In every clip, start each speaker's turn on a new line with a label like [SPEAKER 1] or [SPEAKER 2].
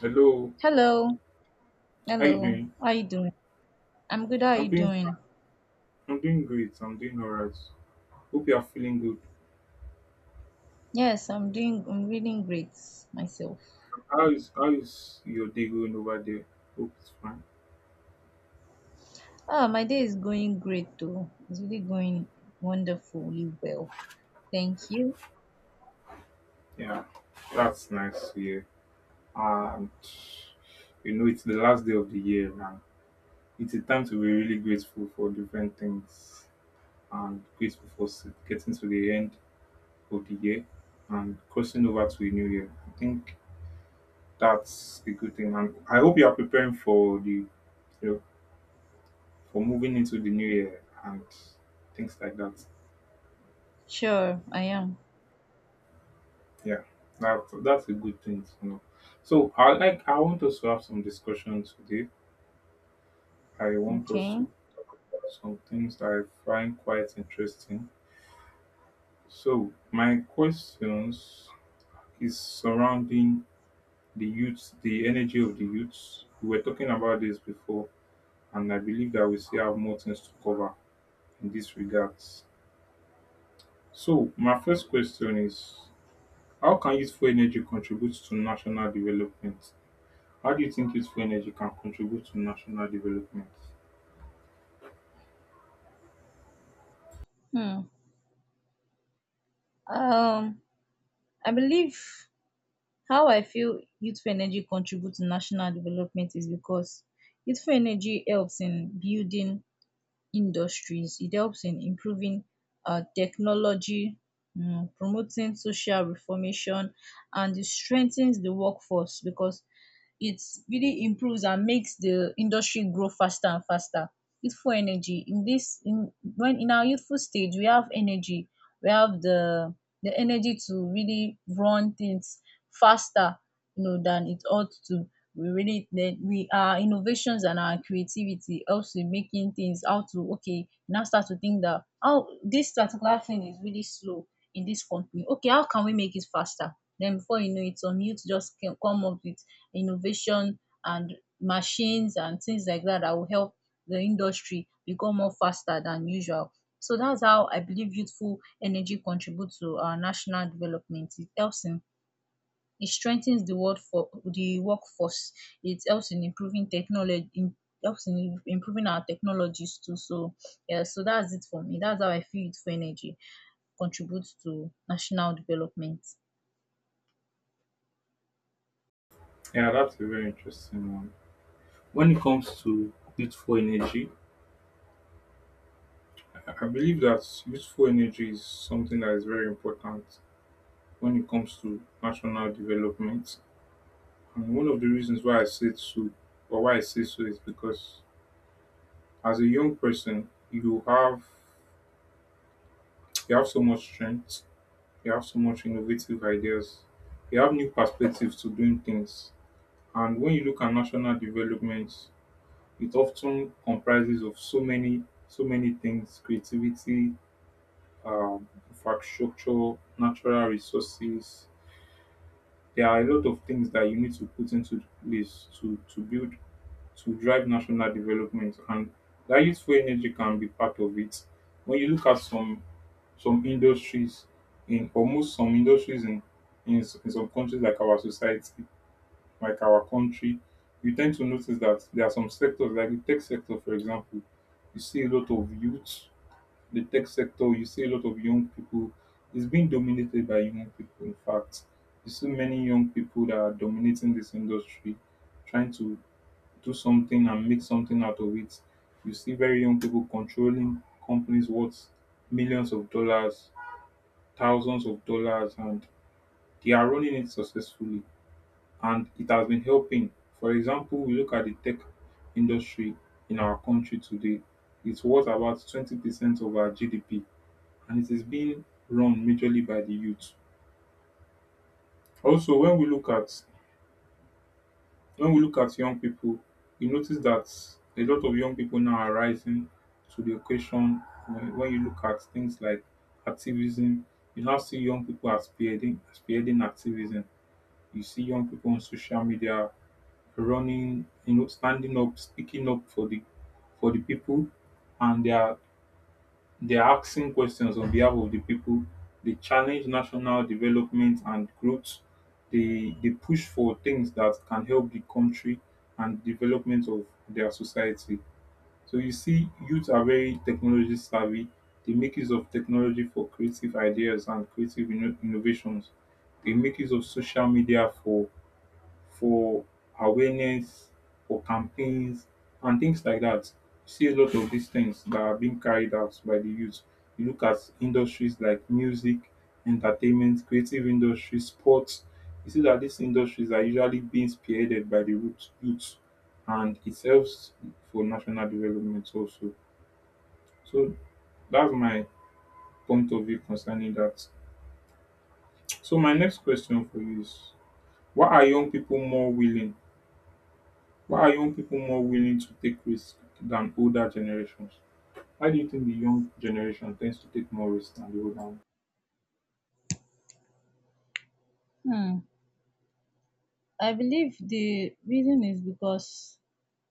[SPEAKER 1] Hello,
[SPEAKER 2] Hello.
[SPEAKER 1] how you doing?
[SPEAKER 2] Hello. How you doing? I'm good. How
[SPEAKER 1] I'm
[SPEAKER 2] you
[SPEAKER 1] doing
[SPEAKER 2] doing?
[SPEAKER 1] fine. I'm doing great. I'm doing alright. Hope you are feeling good.
[SPEAKER 2] Yes, I'm reading great myself.
[SPEAKER 1] How is your day going over there? Hope it's fine.
[SPEAKER 2] My day is going great though. It's really going wonderfully well. Thank you.
[SPEAKER 1] Yeah, that's nice to hear. And you know, it's the last day of the year now. It's a time to be really grateful for different things and grateful for getting to the end of the year and crossing over to a new year. I think that's a good thing, and I hope you are preparing for moving into the new year and things like that.
[SPEAKER 2] Sure, I am.
[SPEAKER 1] Yeah, that's a good thing to know. So I want us to have some discussion today. I want us
[SPEAKER 2] Okay.
[SPEAKER 1] to talk about some things that I find quite interesting. So my questions is surrounding the youth, the energy of the youths. We were talking about this before, and I believe that we still have more things to cover in this regards. So my first question is, how can useful energy contribute to national development? How do you think useful energy can contribute to national development?
[SPEAKER 2] Hmm. Um, I believe how I feel youthful energy contributes to national development is because youthful energy helps in building industries. It helps in improving technology, promoting social reformation, and it strengthens the workforce because it really improves and makes the industry grow faster and faster. Youthful energy in this in when in our youthful stage, we have energy, we have the energy to really run things faster, you know, than it ought to. We really then we Our innovations and our creativity helps in making things. How to okay now start to think that how this particular thing is really slow in this company. Okay, how can we make it faster? Then before you know it, some youth just can come up with innovation and machines and things like that that will help the industry become more faster than usual. So that's how I believe youthful energy contributes to our national development. It helps in It strengthens the world for the workforce. It helps in improving our technologies too. So yeah, so that's it for me. That's how I feel youthful energy contributes to national development.
[SPEAKER 1] Yeah, that's a very interesting one. When it comes to useful energy, I believe that useful energy is something that is very important when it comes to national development. And one of the reasons why I say so, or why I say so, is because as a young person, you have so much strength, you have so much innovative ideas, you have new perspectives to doing things. And when you look at national development, it often comprises of so many things: creativity, infrastructure, natural resources. There are a lot of things that you need to put into place to build, to drive national development, and that useful energy can be part of it. When you look at some industries in, almost some industries in, in some countries like our society, like our country, you tend to notice that there are some sectors like the tech sector, for example. You see a lot of youth. The tech sector, you see a lot of young people. It's being dominated by young people. In fact, you see many young people that are dominating this industry, trying to do something and make something out of it. You see very young people controlling companies worth millions of dollars, thousands of dollars, and they are running it successfully, and it has been helping. For example, we look at the tech industry in our country today. It's worth about 20% of our GDP, and it is being run majorly by the youth. Also, when we look at young people, we notice that a lot of young people now are rising to the occasion. When you look at things like activism, you now see young people as spearheading activism. You see young people on social media running, you know, standing up, speaking up for the, for the people, and they are asking questions on behalf of the people. They challenge national development and growth. They push for things that can help the country and development of their society. So you see, youth are very technology savvy. They make use of technology for creative ideas and creative innovations. They make use of social media for awareness, for campaigns, and things like that. You see a lot of these things that are being carried out by the youth. You look at industries like music, entertainment, creative industries, sports. You see that these industries are usually being spearheaded by the youth, and it helps for national development also. So that's my point of view concerning that. So my next question for you is, why are young people more willing why are young people more willing to take risks than older generations? Why do you think the young generation tends to take more risks than the older one?
[SPEAKER 2] Hmm. I believe the reason is because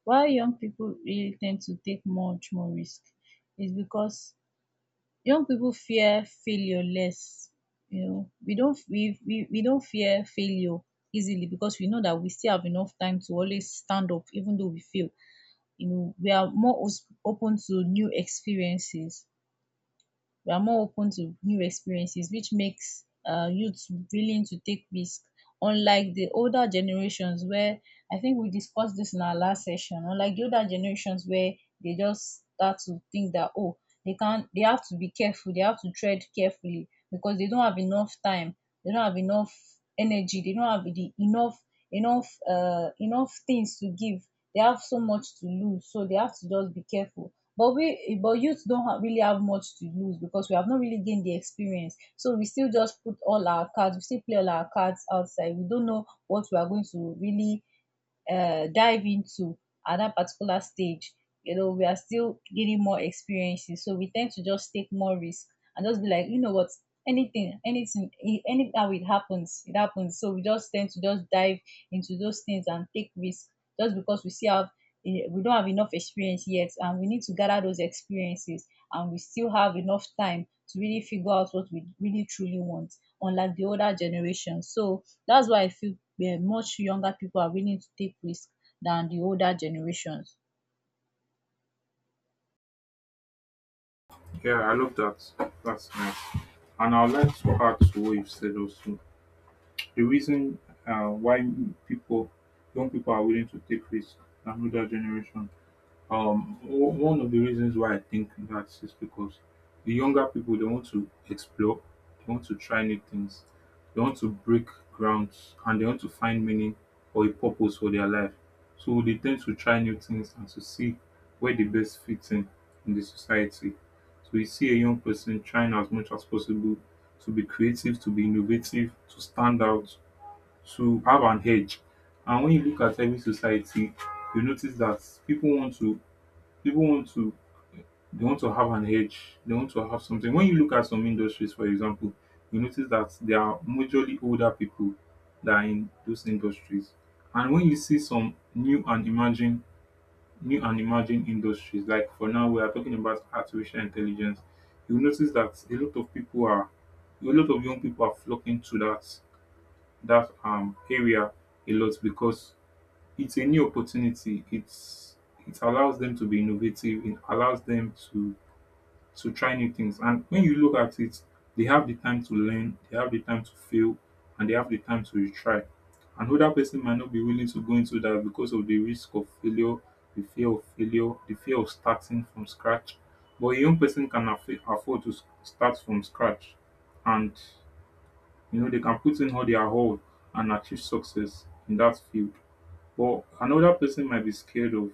[SPEAKER 2] why young people really tend to take much more risk is because young people fear failure less. You know, we don't fear failure easily because we know that we still have enough time to always stand up even though we fail. You know, we are more os- open to new experiences we are more open to new experiences, which makes youth willing to take risk, unlike the older generations where, I think we discussed this in our last session, unlike the older generations where they just start to think that, oh, they can't, they have to be careful, they have to tread carefully because they don't have enough time, they don't have enough energy, they don't have the enough enough enough things to give, they have so much to lose, so they have to just be careful. But we but youth don't have really have much to lose because we have not really gained the experience. So we still just put all our cards, we still play all our cards outside. We don't know what we are going to really dive into at that particular stage. You know, we are still getting more experiences, so we tend to just take more risk and just be like, you know what, anything, any how it happens, it happens. So we just tend to just dive into those things and take risk just because we see how, we don't have enough experience yet, and we need to gather those experiences, and we still have enough time to really figure out what we really truly want, unlike the older generation. So that's why I feel much younger people are willing to take risks than the older generations.
[SPEAKER 1] Yeah, I love that. That's nice. And I'd like to add to what you've said also. The reason why people, young people are willing to take risks than older generation. One of the reasons why I think that is because the younger people, they want to explore, they want to try new things, they want to break grounds, and they want to find meaning or a purpose for their life. So they tend to try new things and to see where the best fits in the society. So you see a young person trying as much as possible to be creative, to be innovative, to stand out, to have an edge. And when you look at every society, you notice that people want to people want to they want to have an edge. They want to have something. When you look at some industries, for example, you notice that there are majorly older people that are in those industries. And when you see some new and emerging industries, like for now we are talking about artificial intelligence, you notice that a lot of young people are flocking to that area a lot because it's a new opportunity. It allows them to be innovative, it allows them to try new things. And when you look at it, they have the time to learn, they have the time to fail, and they have the time to retry. Another person might not be willing to go into that because of the risk of failure, the fear of failure, the fear of starting from scratch. But a young person can afford to start from scratch, and you know they can put in all, and achieve success in that field. But another person might be scared of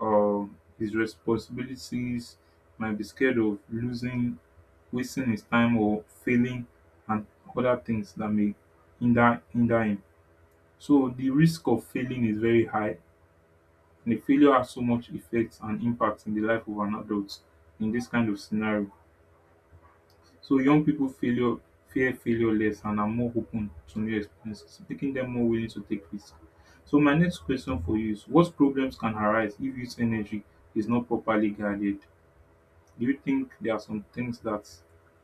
[SPEAKER 1] his responsibilities, might be scared of losing, wasting his time, or failing, and other things that may hinder him. So the risk of failing is very high, and the failure has so much effect and impact in the life of an adult in this kind of scenario. So young people failure fear failure less and are more open to new experiences, making them more willing to take risks. So my next question for you is, what problems can arise if youth energy is not properly guarded? Do you think there are some things that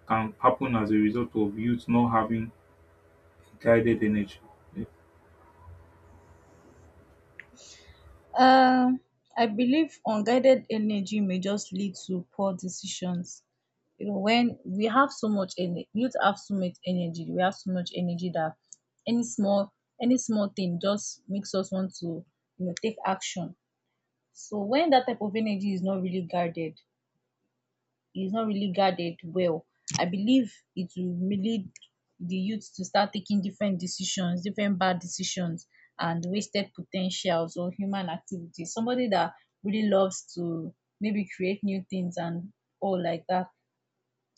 [SPEAKER 1] can happen as a result of youth not having guided energy? Yeah.
[SPEAKER 2] Um I believe unguided energy may just lead to poor decisions. You know, when we have so much energy, youth have so much energy, we have so much energy that any small any small thing just makes us want to, you know, take action. So when that type of energy is not really guarded. Is not really guarded well, I believe it will lead the youth to start taking different decisions, different bad decisions and wasted potentials or human activities. Somebody that really loves to maybe create new things and all like that,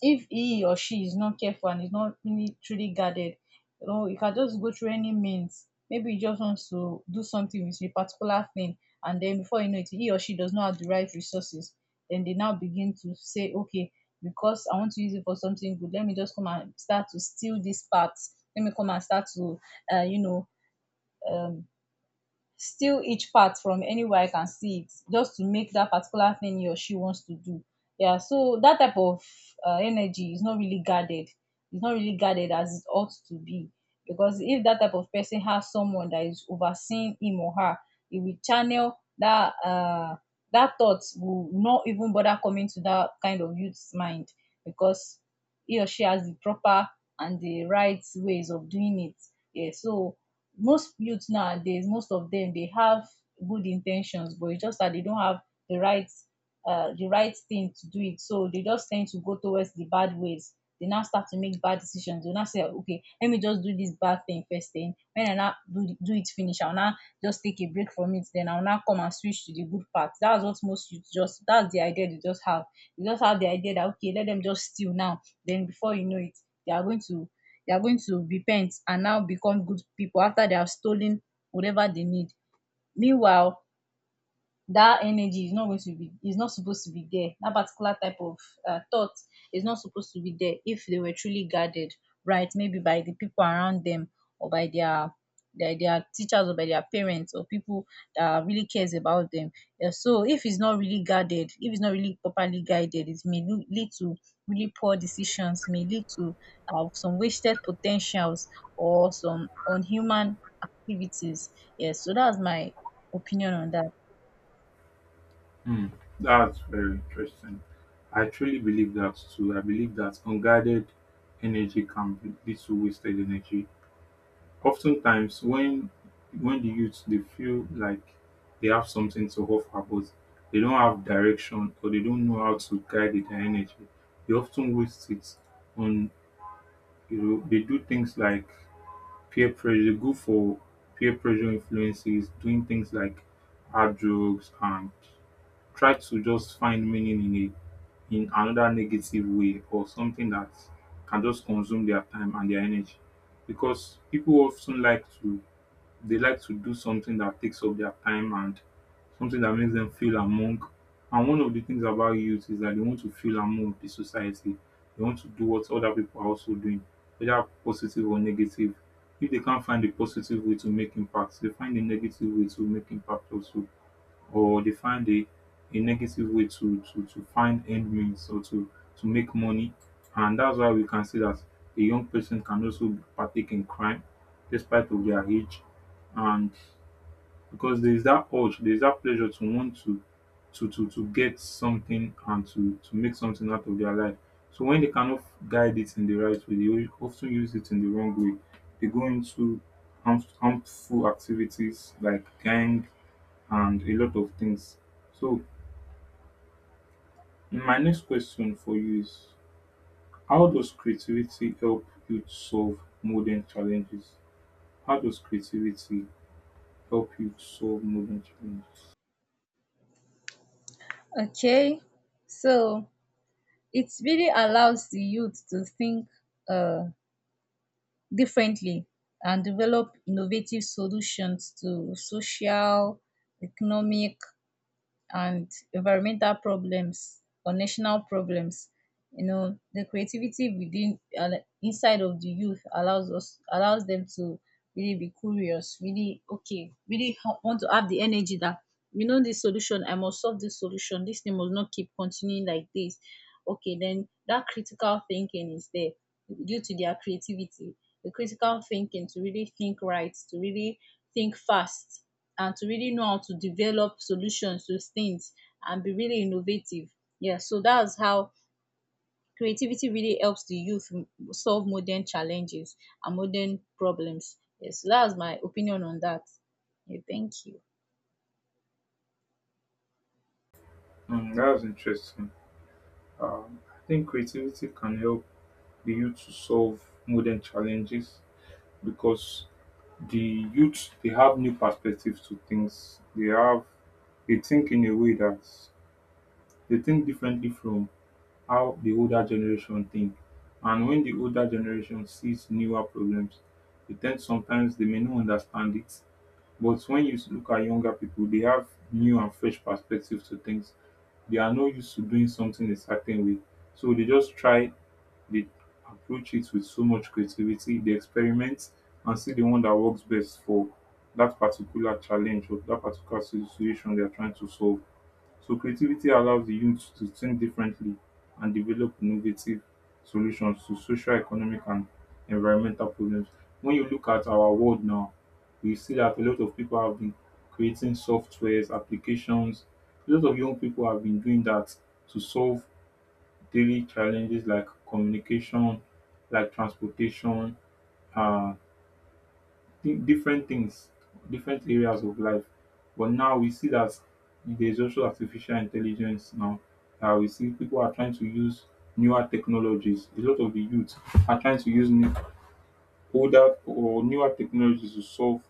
[SPEAKER 2] if he or she is not careful and is not really truly guarded, you know, you can just go through any means. Maybe he just wants to do something with a particular thing, and then before you know it, he or she does not have the right resources. Then they now begin to say, okay, because I want to use it for something good, let me just come and start to steal this part. Let me come and start to, you know, um, steal each part from anywhere I can see it just to make that particular thing he or she wants to do. Yeah, so that type of energy is not really guarded. It's not really guarded as it ought to be. Because if that type of person has someone that is overseeing him or her, it will channel that thought will not even bother coming to that kind of youth's mind, because he or she has the proper and the right ways of doing it. Yeah, so most youth nowadays, most of them, they have good intentions, but it's just that they don't have the right, the right thing to do it, so they just tend to go towards the bad ways. They now start to make bad decisions. They now say, okay, let me just do this bad thing first, then when I now do, the- do it finish, I'll now just take a break from it, then I'll now come and switch to the good part. That's what most youth just, that's the idea they just have. They just have the idea that, okay, let them just steal now, then before you know it, they are going to they are going to repent and now become good people after they have stolen whatever they need. Meanwhile, that energy is not going to be is not supposed to be there. That particular type of thought is not supposed to be there if they were truly guarded right, maybe by the people around them, or by their teachers, or by their parents, or people that really cares about them. Yeah, so if it's not really guarded, if it's not really properly guided, it may lead to really poor decisions, may lead to some wasted potentials or some unhuman activities. Yes, so that's my opinion on that.
[SPEAKER 1] Hmm. That's very interesting. I truly believe that too. I believe that unguided energy can lead to wasted energy. Oftentimes when the youth, they feel like they have something to offer, but they don't have direction or they don't know how to guide their energy, they often waste it on, you know, they do things like peer pressure, they go for peer pressure influences, doing things like hard drugs and try to just find meaning in a, in another negative way, or something that can just consume their time and their energy. Because people often like to, they like to do something that takes up their time and something that makes them feel among. And one of the things about youth is that they want to feel among the society. They want to do what other people are also doing, whether positive or negative. If they can't find a positive way to make impact, they find a negative way to make impact also, or they find a negative way to find end means or to make money. And that's why we can see that a young person can also partake in crime despite of their age. And because there is that urge, there is that pleasure to want to get something and to make something out of their life. So when they cannot guide it in the right way, they often use it in the wrong way. They go into harmful activities like gang and a lot of things. So my next question for you is, how does creativity help you to solve modern challenges? How does creativity help you to solve modern challenges?
[SPEAKER 2] Okay, so it really allows the youth to think, uh, differently, and develop innovative solutions to social, economic, and environmental problems or national problems. You know, the creativity within and inside of the youth allows them to really be curious, really okay, really want to have the energy that, you know, this solution, I must solve this solution. This thing must not keep continuing like this. Okay, then that critical thinking is there due to their creativity, the critical thinking to really think right, to really think fast, and to really know how to develop solutions to things and be really innovative. Yeah, so that's how creativity really helps the youth solve modern challenges and modern problems. Yes, so that's my opinion on that. Yeah, thank you.
[SPEAKER 1] Mm, that was interesting. I think creativity can help the youth to solve modern challenges because the youth, they have new perspectives to things. They think in a way that they think differently from how the older generation think. And when the older generation sees newer problems, they tend sometimes they may not understand it. But when you look at younger people, they have new and fresh perspectives to things. They are not used to doing something a certain way. So they just try, they approach it with so much creativity, they experiment and see the one that works best for that particular challenge or that particular situation they are trying to solve. So creativity allows the youth to think differently and develop innovative solutions to social, economic and environmental problems. When you look at our world now, we see that a lot of people have been creating softwares, applications. A lot of young people have been doing that to solve daily challenges like communication, like transportation, uh, different things, different areas of life. But now we see that there's also artificial intelligence now. We see people are trying to use newer technologies. A lot of the youth are trying to use new older or newer technologies to solve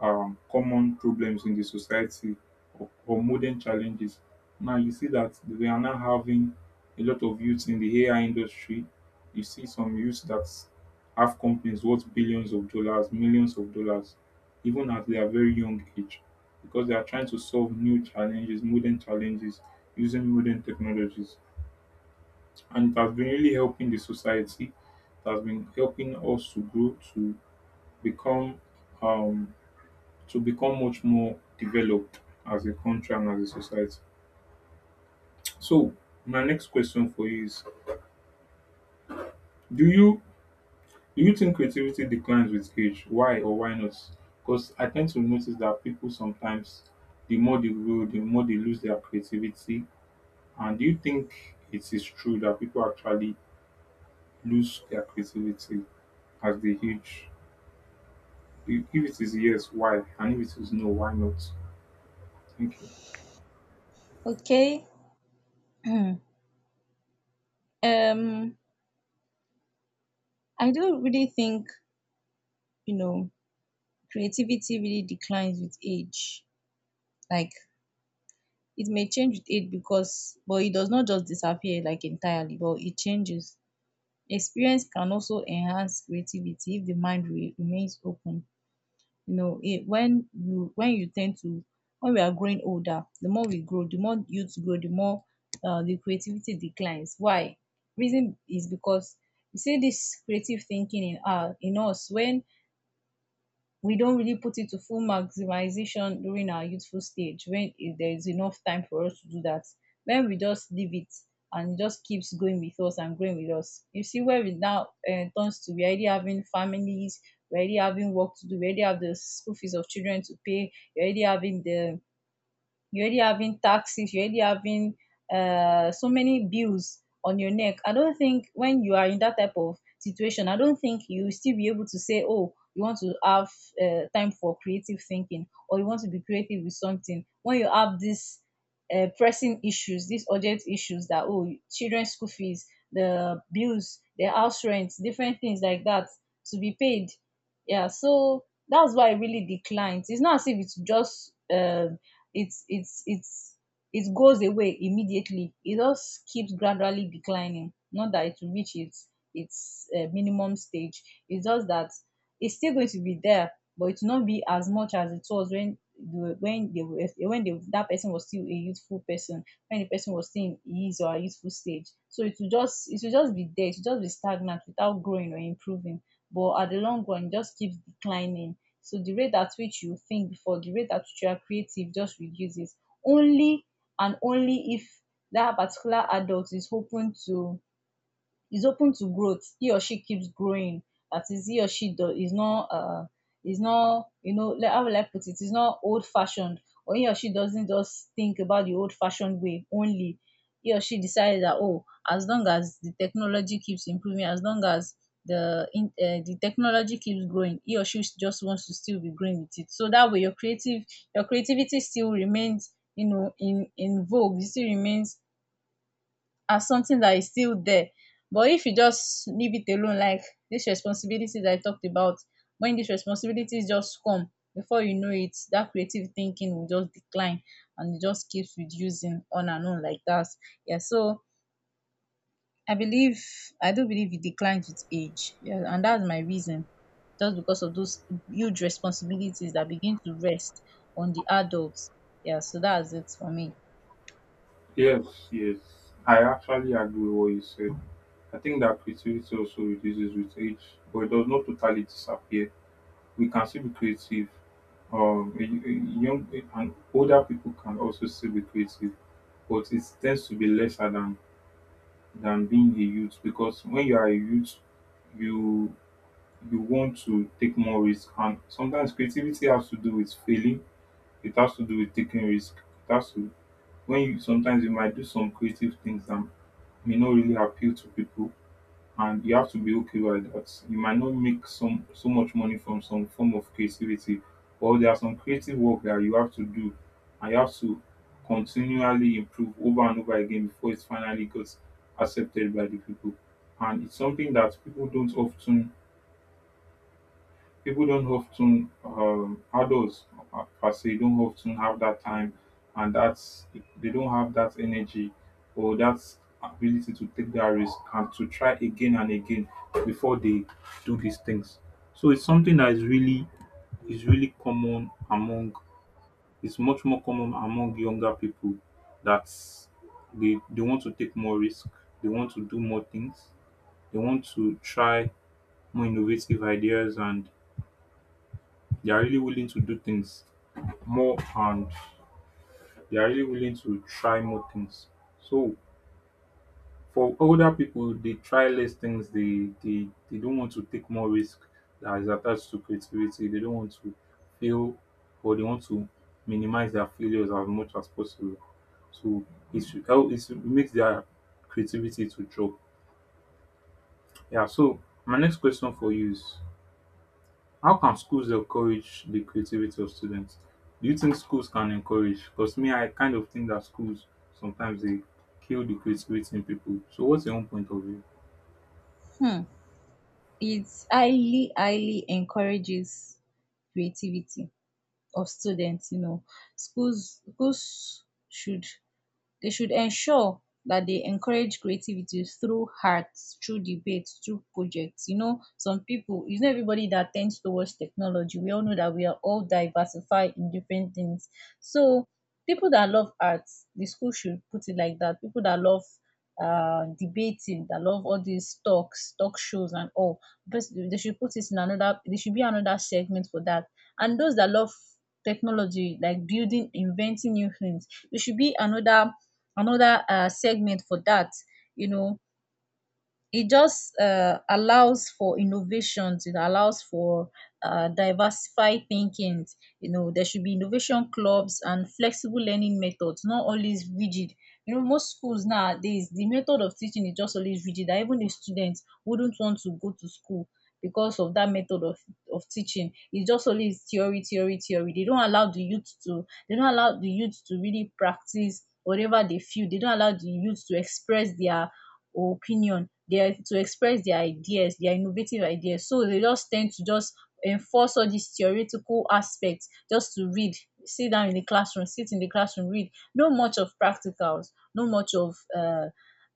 [SPEAKER 1] common problems in the society or modern challenges. Now you see that we are now having a lot of youths in the AI industry. You see some youths that have companies worth billions of dollars, millions of dollars, even at their very young age, because they are trying to solve new challenges, modern challenges using modern technologies. And it has been really helping the society, it has been helping us to grow, become um to become much more developed as a country and as a society. So my next question for you is do you do you think creativity declines with age? Why or why not? Because I tend to notice that people sometimes the more they grow, the more they lose their creativity. And do you think it is true that people actually lose their creativity as they age? If it is yes, why? And if it is no, why not? Thank you.
[SPEAKER 2] Okay. um I don't really think, you know, creativity really declines with age. Like, it may change with age, because but it does not just disappear like entirely, but it changes. Experience can also enhance creativity if the mind remains open. You know, it, when you tend to, when we are growing older, the more we grow, the more youth grow, the more, the creativity declines. Why? Reason is because you see this creative thinking in our in us when we don't really put it to full maximization during our youthful stage when there is enough time for us to do that. When we just leave it and it just keeps going with us and growing with us. You see where we now turns to, we already having families, we already having work to do, we already have the school fees of children to pay, we already having the, you're already having taxes, you're already having, so many bills on your neck. I don't think when you are in that type of situation, I don't think you will still be able to say, oh, you want to have time for creative thinking, or you want to be creative with something. When you have this pressing issues, these urgent issues that, oh, children's school fees, the bills, the house rents, different things like that to be paid. Yeah, so that's why I really declined. It's not as if it's just, it's it's it's it goes away immediately. It just keeps gradually declining. Not that it will reach its minimum stage. It's just that it's still going to be there, but it will not be as much as it was when they were- when they were when they, that person was still a youthful person, when the person was still in his or her youthful stage. So it will just be there. It will just be stagnant without growing or improving. But at the long run, it just keeps declining. So the rate at which you think before, the rate at which you are creative just reduces only and only if that particular adult is open to growth he or she keeps growing. That is, he or she is not is not you know like how will I put it is not old fashioned, or he or she doesn't just think about the old fashioned way only. He or she decided that, oh, as long as the technology keeps improving, as long as the technology keeps growing, he or she just wants to still be growing with it. So that way your creative your creativity still remains, you know, in vogue. It still remains as something that is still there. But if you just leave it alone, like this responsibility that I talked about, when these responsibilities just come, before you know it, that creative thinking will just decline and it just keeps reducing on and on like that. Yeah, so I believe, I do believe it declines with age. Yeah, and that's my reason. Just because of those huge responsibilities that begin to rest on the adults. Yeah, so that's it for me.
[SPEAKER 1] Yes, yes. I actually agree with what you said. I think that creativity also reduces with age, but it does not totally disappear. We can still be creative. A young and older people can also still be creative, but it tends to be lesser than being a youth because when you are a youth, you you want to take more risk, and sometimes creativity has to do with failing. It has to do with taking risk. It has to when you sometimes you might do some creative things that may not really appeal to people and you have to be okay with that. You might not make some so much money from some form of creativity, but there are some creative work that you have to do and you have to continually improve over and over again before it finally gets accepted by the people. And it's something that people don't often adults per se don't often have that time and that's they don't have that energy or that ability to take that risk and to try again and again before they do these things, so it's something that is really common among it's much more common among younger people that they want to take more risk, they want to do more things, they want to try more innovative ideas, and they are really willing to do things more, and they are really willing to try more things. So for older people, they try less things. They don't want to take more risk that is attached to creativity. They don't want to fail, or they want to minimize their failures as much as possible. So it's it makes their creativity to drop. Yeah, so my next question for you is, how can schools encourage the creativity of students? Do you think schools can encourage? Because me, I kind of think that schools sometimes they kill the creativity in people. So, what's your own point of view?
[SPEAKER 2] Hmm. It highly encourages creativity of students, you know. Schools should, they should ensure that they encourage creativity through arts, through debates, through projects. You know, some people, it's not everybody that tends towards technology. We all know that we are all diversified in different things. So, people that love arts, the school should put it like that. People that love debating, that love all these talks, talk shows, and all, but they should put it in another, there should be another segment for that. And those that love technology, like building, inventing new things, there should be another another segment for that, you know. It just allows for innovations, it allows for diversified thinking. You know, there should be innovation clubs and flexible learning methods, not always rigid. You know, most schools nowadays, the method of teaching is just always rigid, that even the students wouldn't want to go to school because of that of teaching. It's just always theory, theory, theory. They don't allow the youth to they don't allow the youth to really practice whatever they feel. They don't allow the youth to express their or opinion. They are to express their ideas, their innovative ideas. So they just tend to just enforce all these theoretical aspects, just to read, sit down in the classroom, sit in the classroom, read. No much of practicals, no much of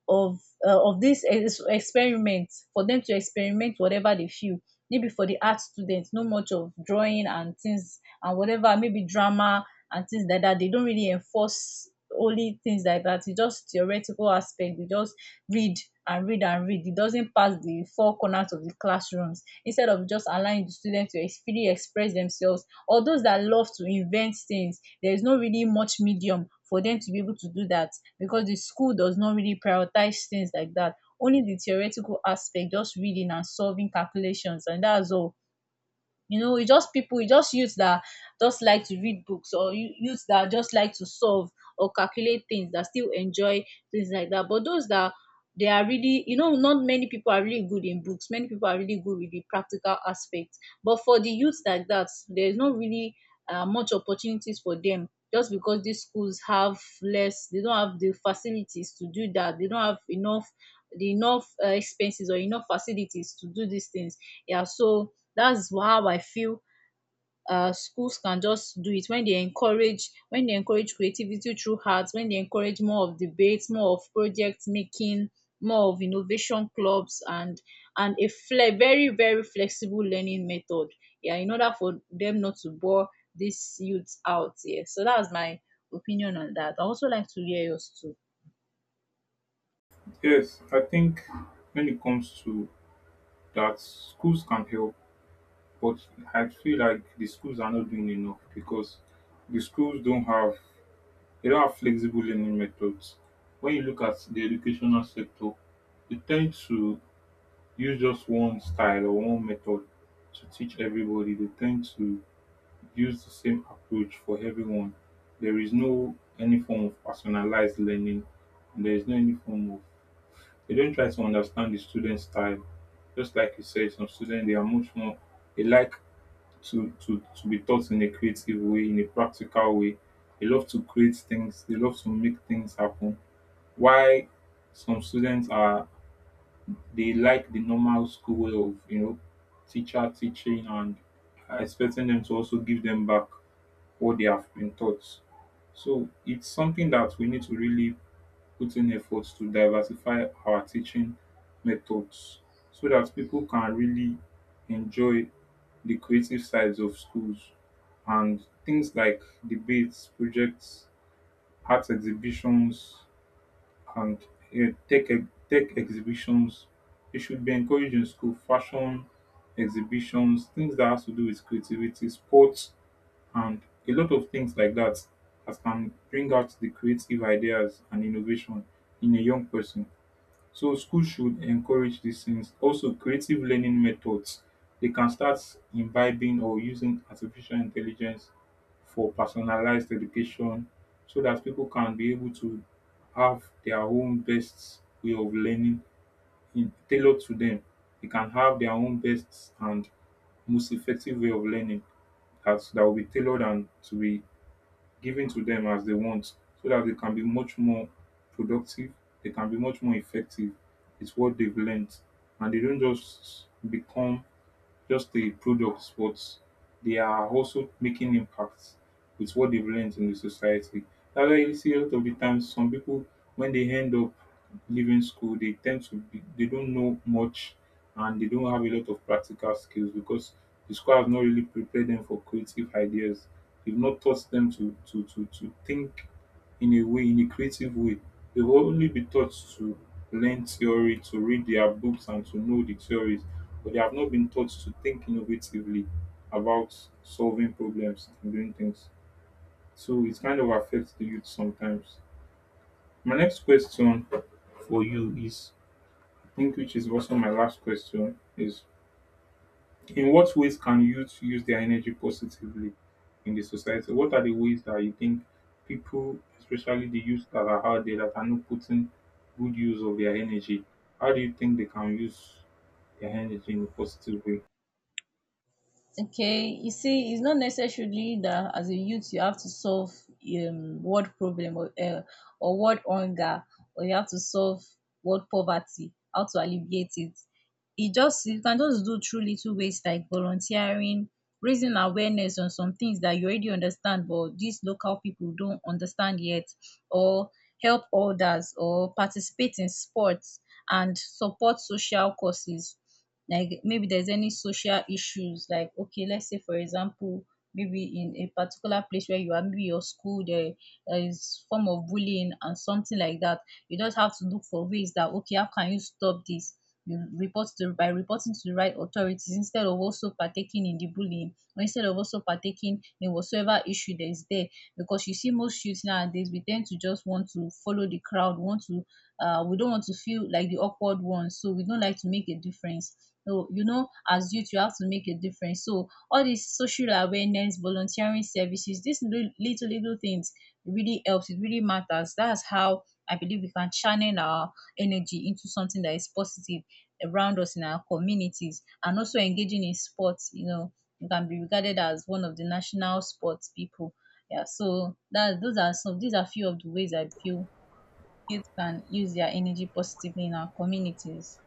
[SPEAKER 2] of of this experiment, for them to experiment whatever they feel. Maybe for the art students, no much of drawing and things, and whatever, maybe drama and things like that, they don't really enforce only things like that. It's just theoretical aspect. They just read and read and read. It doesn't pass the four corners of the classrooms, instead of just allowing the students to freely express themselves, or those that love to invent things, there is not really much medium for them to be able to do that, because the school does not really prioritize things like that, only the theoretical aspect, just reading and solving calculations, and that's all. You know, it's just people, it's just youths that just like to read books, or you youths that just like to solve or calculate things that still enjoy things like that. But those that they are really, you know, not many people are really good in books. Many people are really good with the practical aspects. But for the youths like that, there is not really much opportunities for them, just because these schools have less, they don't have the facilities to do that. They don't have enough, the enough expenses or enough facilities to do these things. Yeah, so that's how I feel. Schools can just do it when they encourage, when they encourage creativity through arts, when they encourage more of debates, more of project making, more of innovation clubs, and a fle very very flexible learning method, yeah, in order for them not to bore these youths out. Yeah, so that's my opinion on that. I also like to hear yours too.
[SPEAKER 1] Yes, I think when it comes to that, schools can help, but I feel like the schools are not doing enough because the schools don't have they don't have flexible learning methods. When you look at the educational sector, they tend to use just one style or one method to teach everybody. They tend to use the same approach for everyone. There is no any form of personalized learning. And there is no any form of they don't try to understand the student style. Just like you said, some students they are much more they like to be taught in a creative way, in a practical way. They love to create things, they love to make things happen. Why some students are they like the normal school way of, you know, teacher teaching and expecting them to also give them back what they have been taught. So it's something that we need to really put in efforts to diversify our teaching methods so that people can really enjoy the creative sides of schools and things like debates, projects, art exhibitions, and you tech exhibitions. It should be encouraged in school, fashion exhibitions, things that has to do with creativity, sports, and a lot of things like that that can bring out the creative ideas and innovation in a young person. So schools should encourage these things. Also creative learning methods. They can start imbibing or using artificial intelligence for personalized education so that people can be able to have their own best way of learning in, tailored to them. They can have their own best and most effective way of learning that, that will be tailored and to be given to them as they want so that they can be much more productive, they can be much more effective. It's what they've learned, and they don't just become just the products, but they are also making impacts with what they've learned in the society. That's why you see a lot of the times some people when they end up leaving school, they tend to be they don't know much and they don't have a lot of practical skills because the school has not really prepared them for creative ideas. They've not taught them to think in a way, in a creative way. They will only be taught to learn theory, to read their books and to know the theories, but they have not been taught to think innovatively about solving problems and doing things. So it kind of affects the youth sometimes. My next question for you is, I think, which is also my last question, is in what ways can youth use their energy positively in the society? What are the ways that you think people, especially the youth that are out there that are not putting good use of their energy, how do you think they can use their energy in a positive way?
[SPEAKER 2] Okay, you see, it's not necessarily that as a youth you have to solve world problem, or world hunger, or you have to solve world poverty, how to alleviate it. It just, you can just do through little ways like volunteering, raising awareness on some things that you already understand but these local people don't understand yet, or help others, or participate in sports and support social causes. Like, maybe there's any social issues, like, okay, let's say for example, maybe in a particular place where you are, maybe your school there is form of bullying and something like that, you just have to look for ways that, okay, how can you stop this. You report to, by reporting to the right authorities, instead of also partaking in the bullying, or instead of also partaking in whatsoever issue that is there. Because you see, most youths nowadays, we tend to just want to follow the crowd, want to we don't want to feel like the awkward ones, so we don't like to make a difference. So you know, as youth you have to make a difference. So all this social awareness, volunteering services, these little little things, it really helps. It really matters. That's how I believe we can channel our energy into something that is positive around us in our communities, and also engaging in sports. You know, you can be regarded as one of the national sports people. Yeah, so that those are some, these are few of the ways I feel youth can use their energy positively in our communities.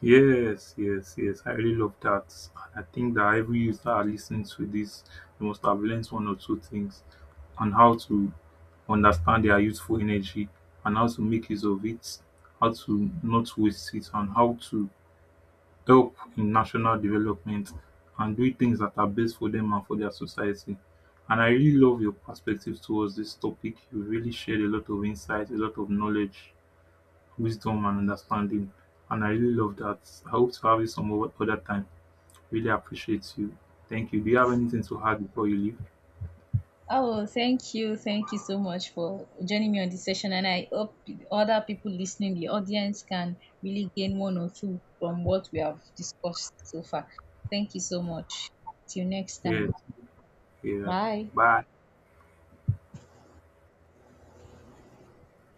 [SPEAKER 1] Yes, yes, yes. I really love that. I think that every youth that are listening to this they must have learned one or two things on how to understand their youthful energy and how to make use of it, how to not waste it, and how to help in national development and doing things that are best for them and for their society, and I really love your perspective towards this topic. You really shared a lot of insight, a lot of knowledge, wisdom and understanding, and I really love that. I hope to have you some other time. Really appreciate you. Thank you, do you have anything to add before you leave?
[SPEAKER 2] Oh, thank you. Thank you so much for joining me on this session. And I hope other people listening, the audience, can really gain one or two from what we have discussed so far. Thank you so much. Till next
[SPEAKER 1] Yes.
[SPEAKER 2] time.
[SPEAKER 1] Yeah.
[SPEAKER 2] Bye.
[SPEAKER 1] Bye.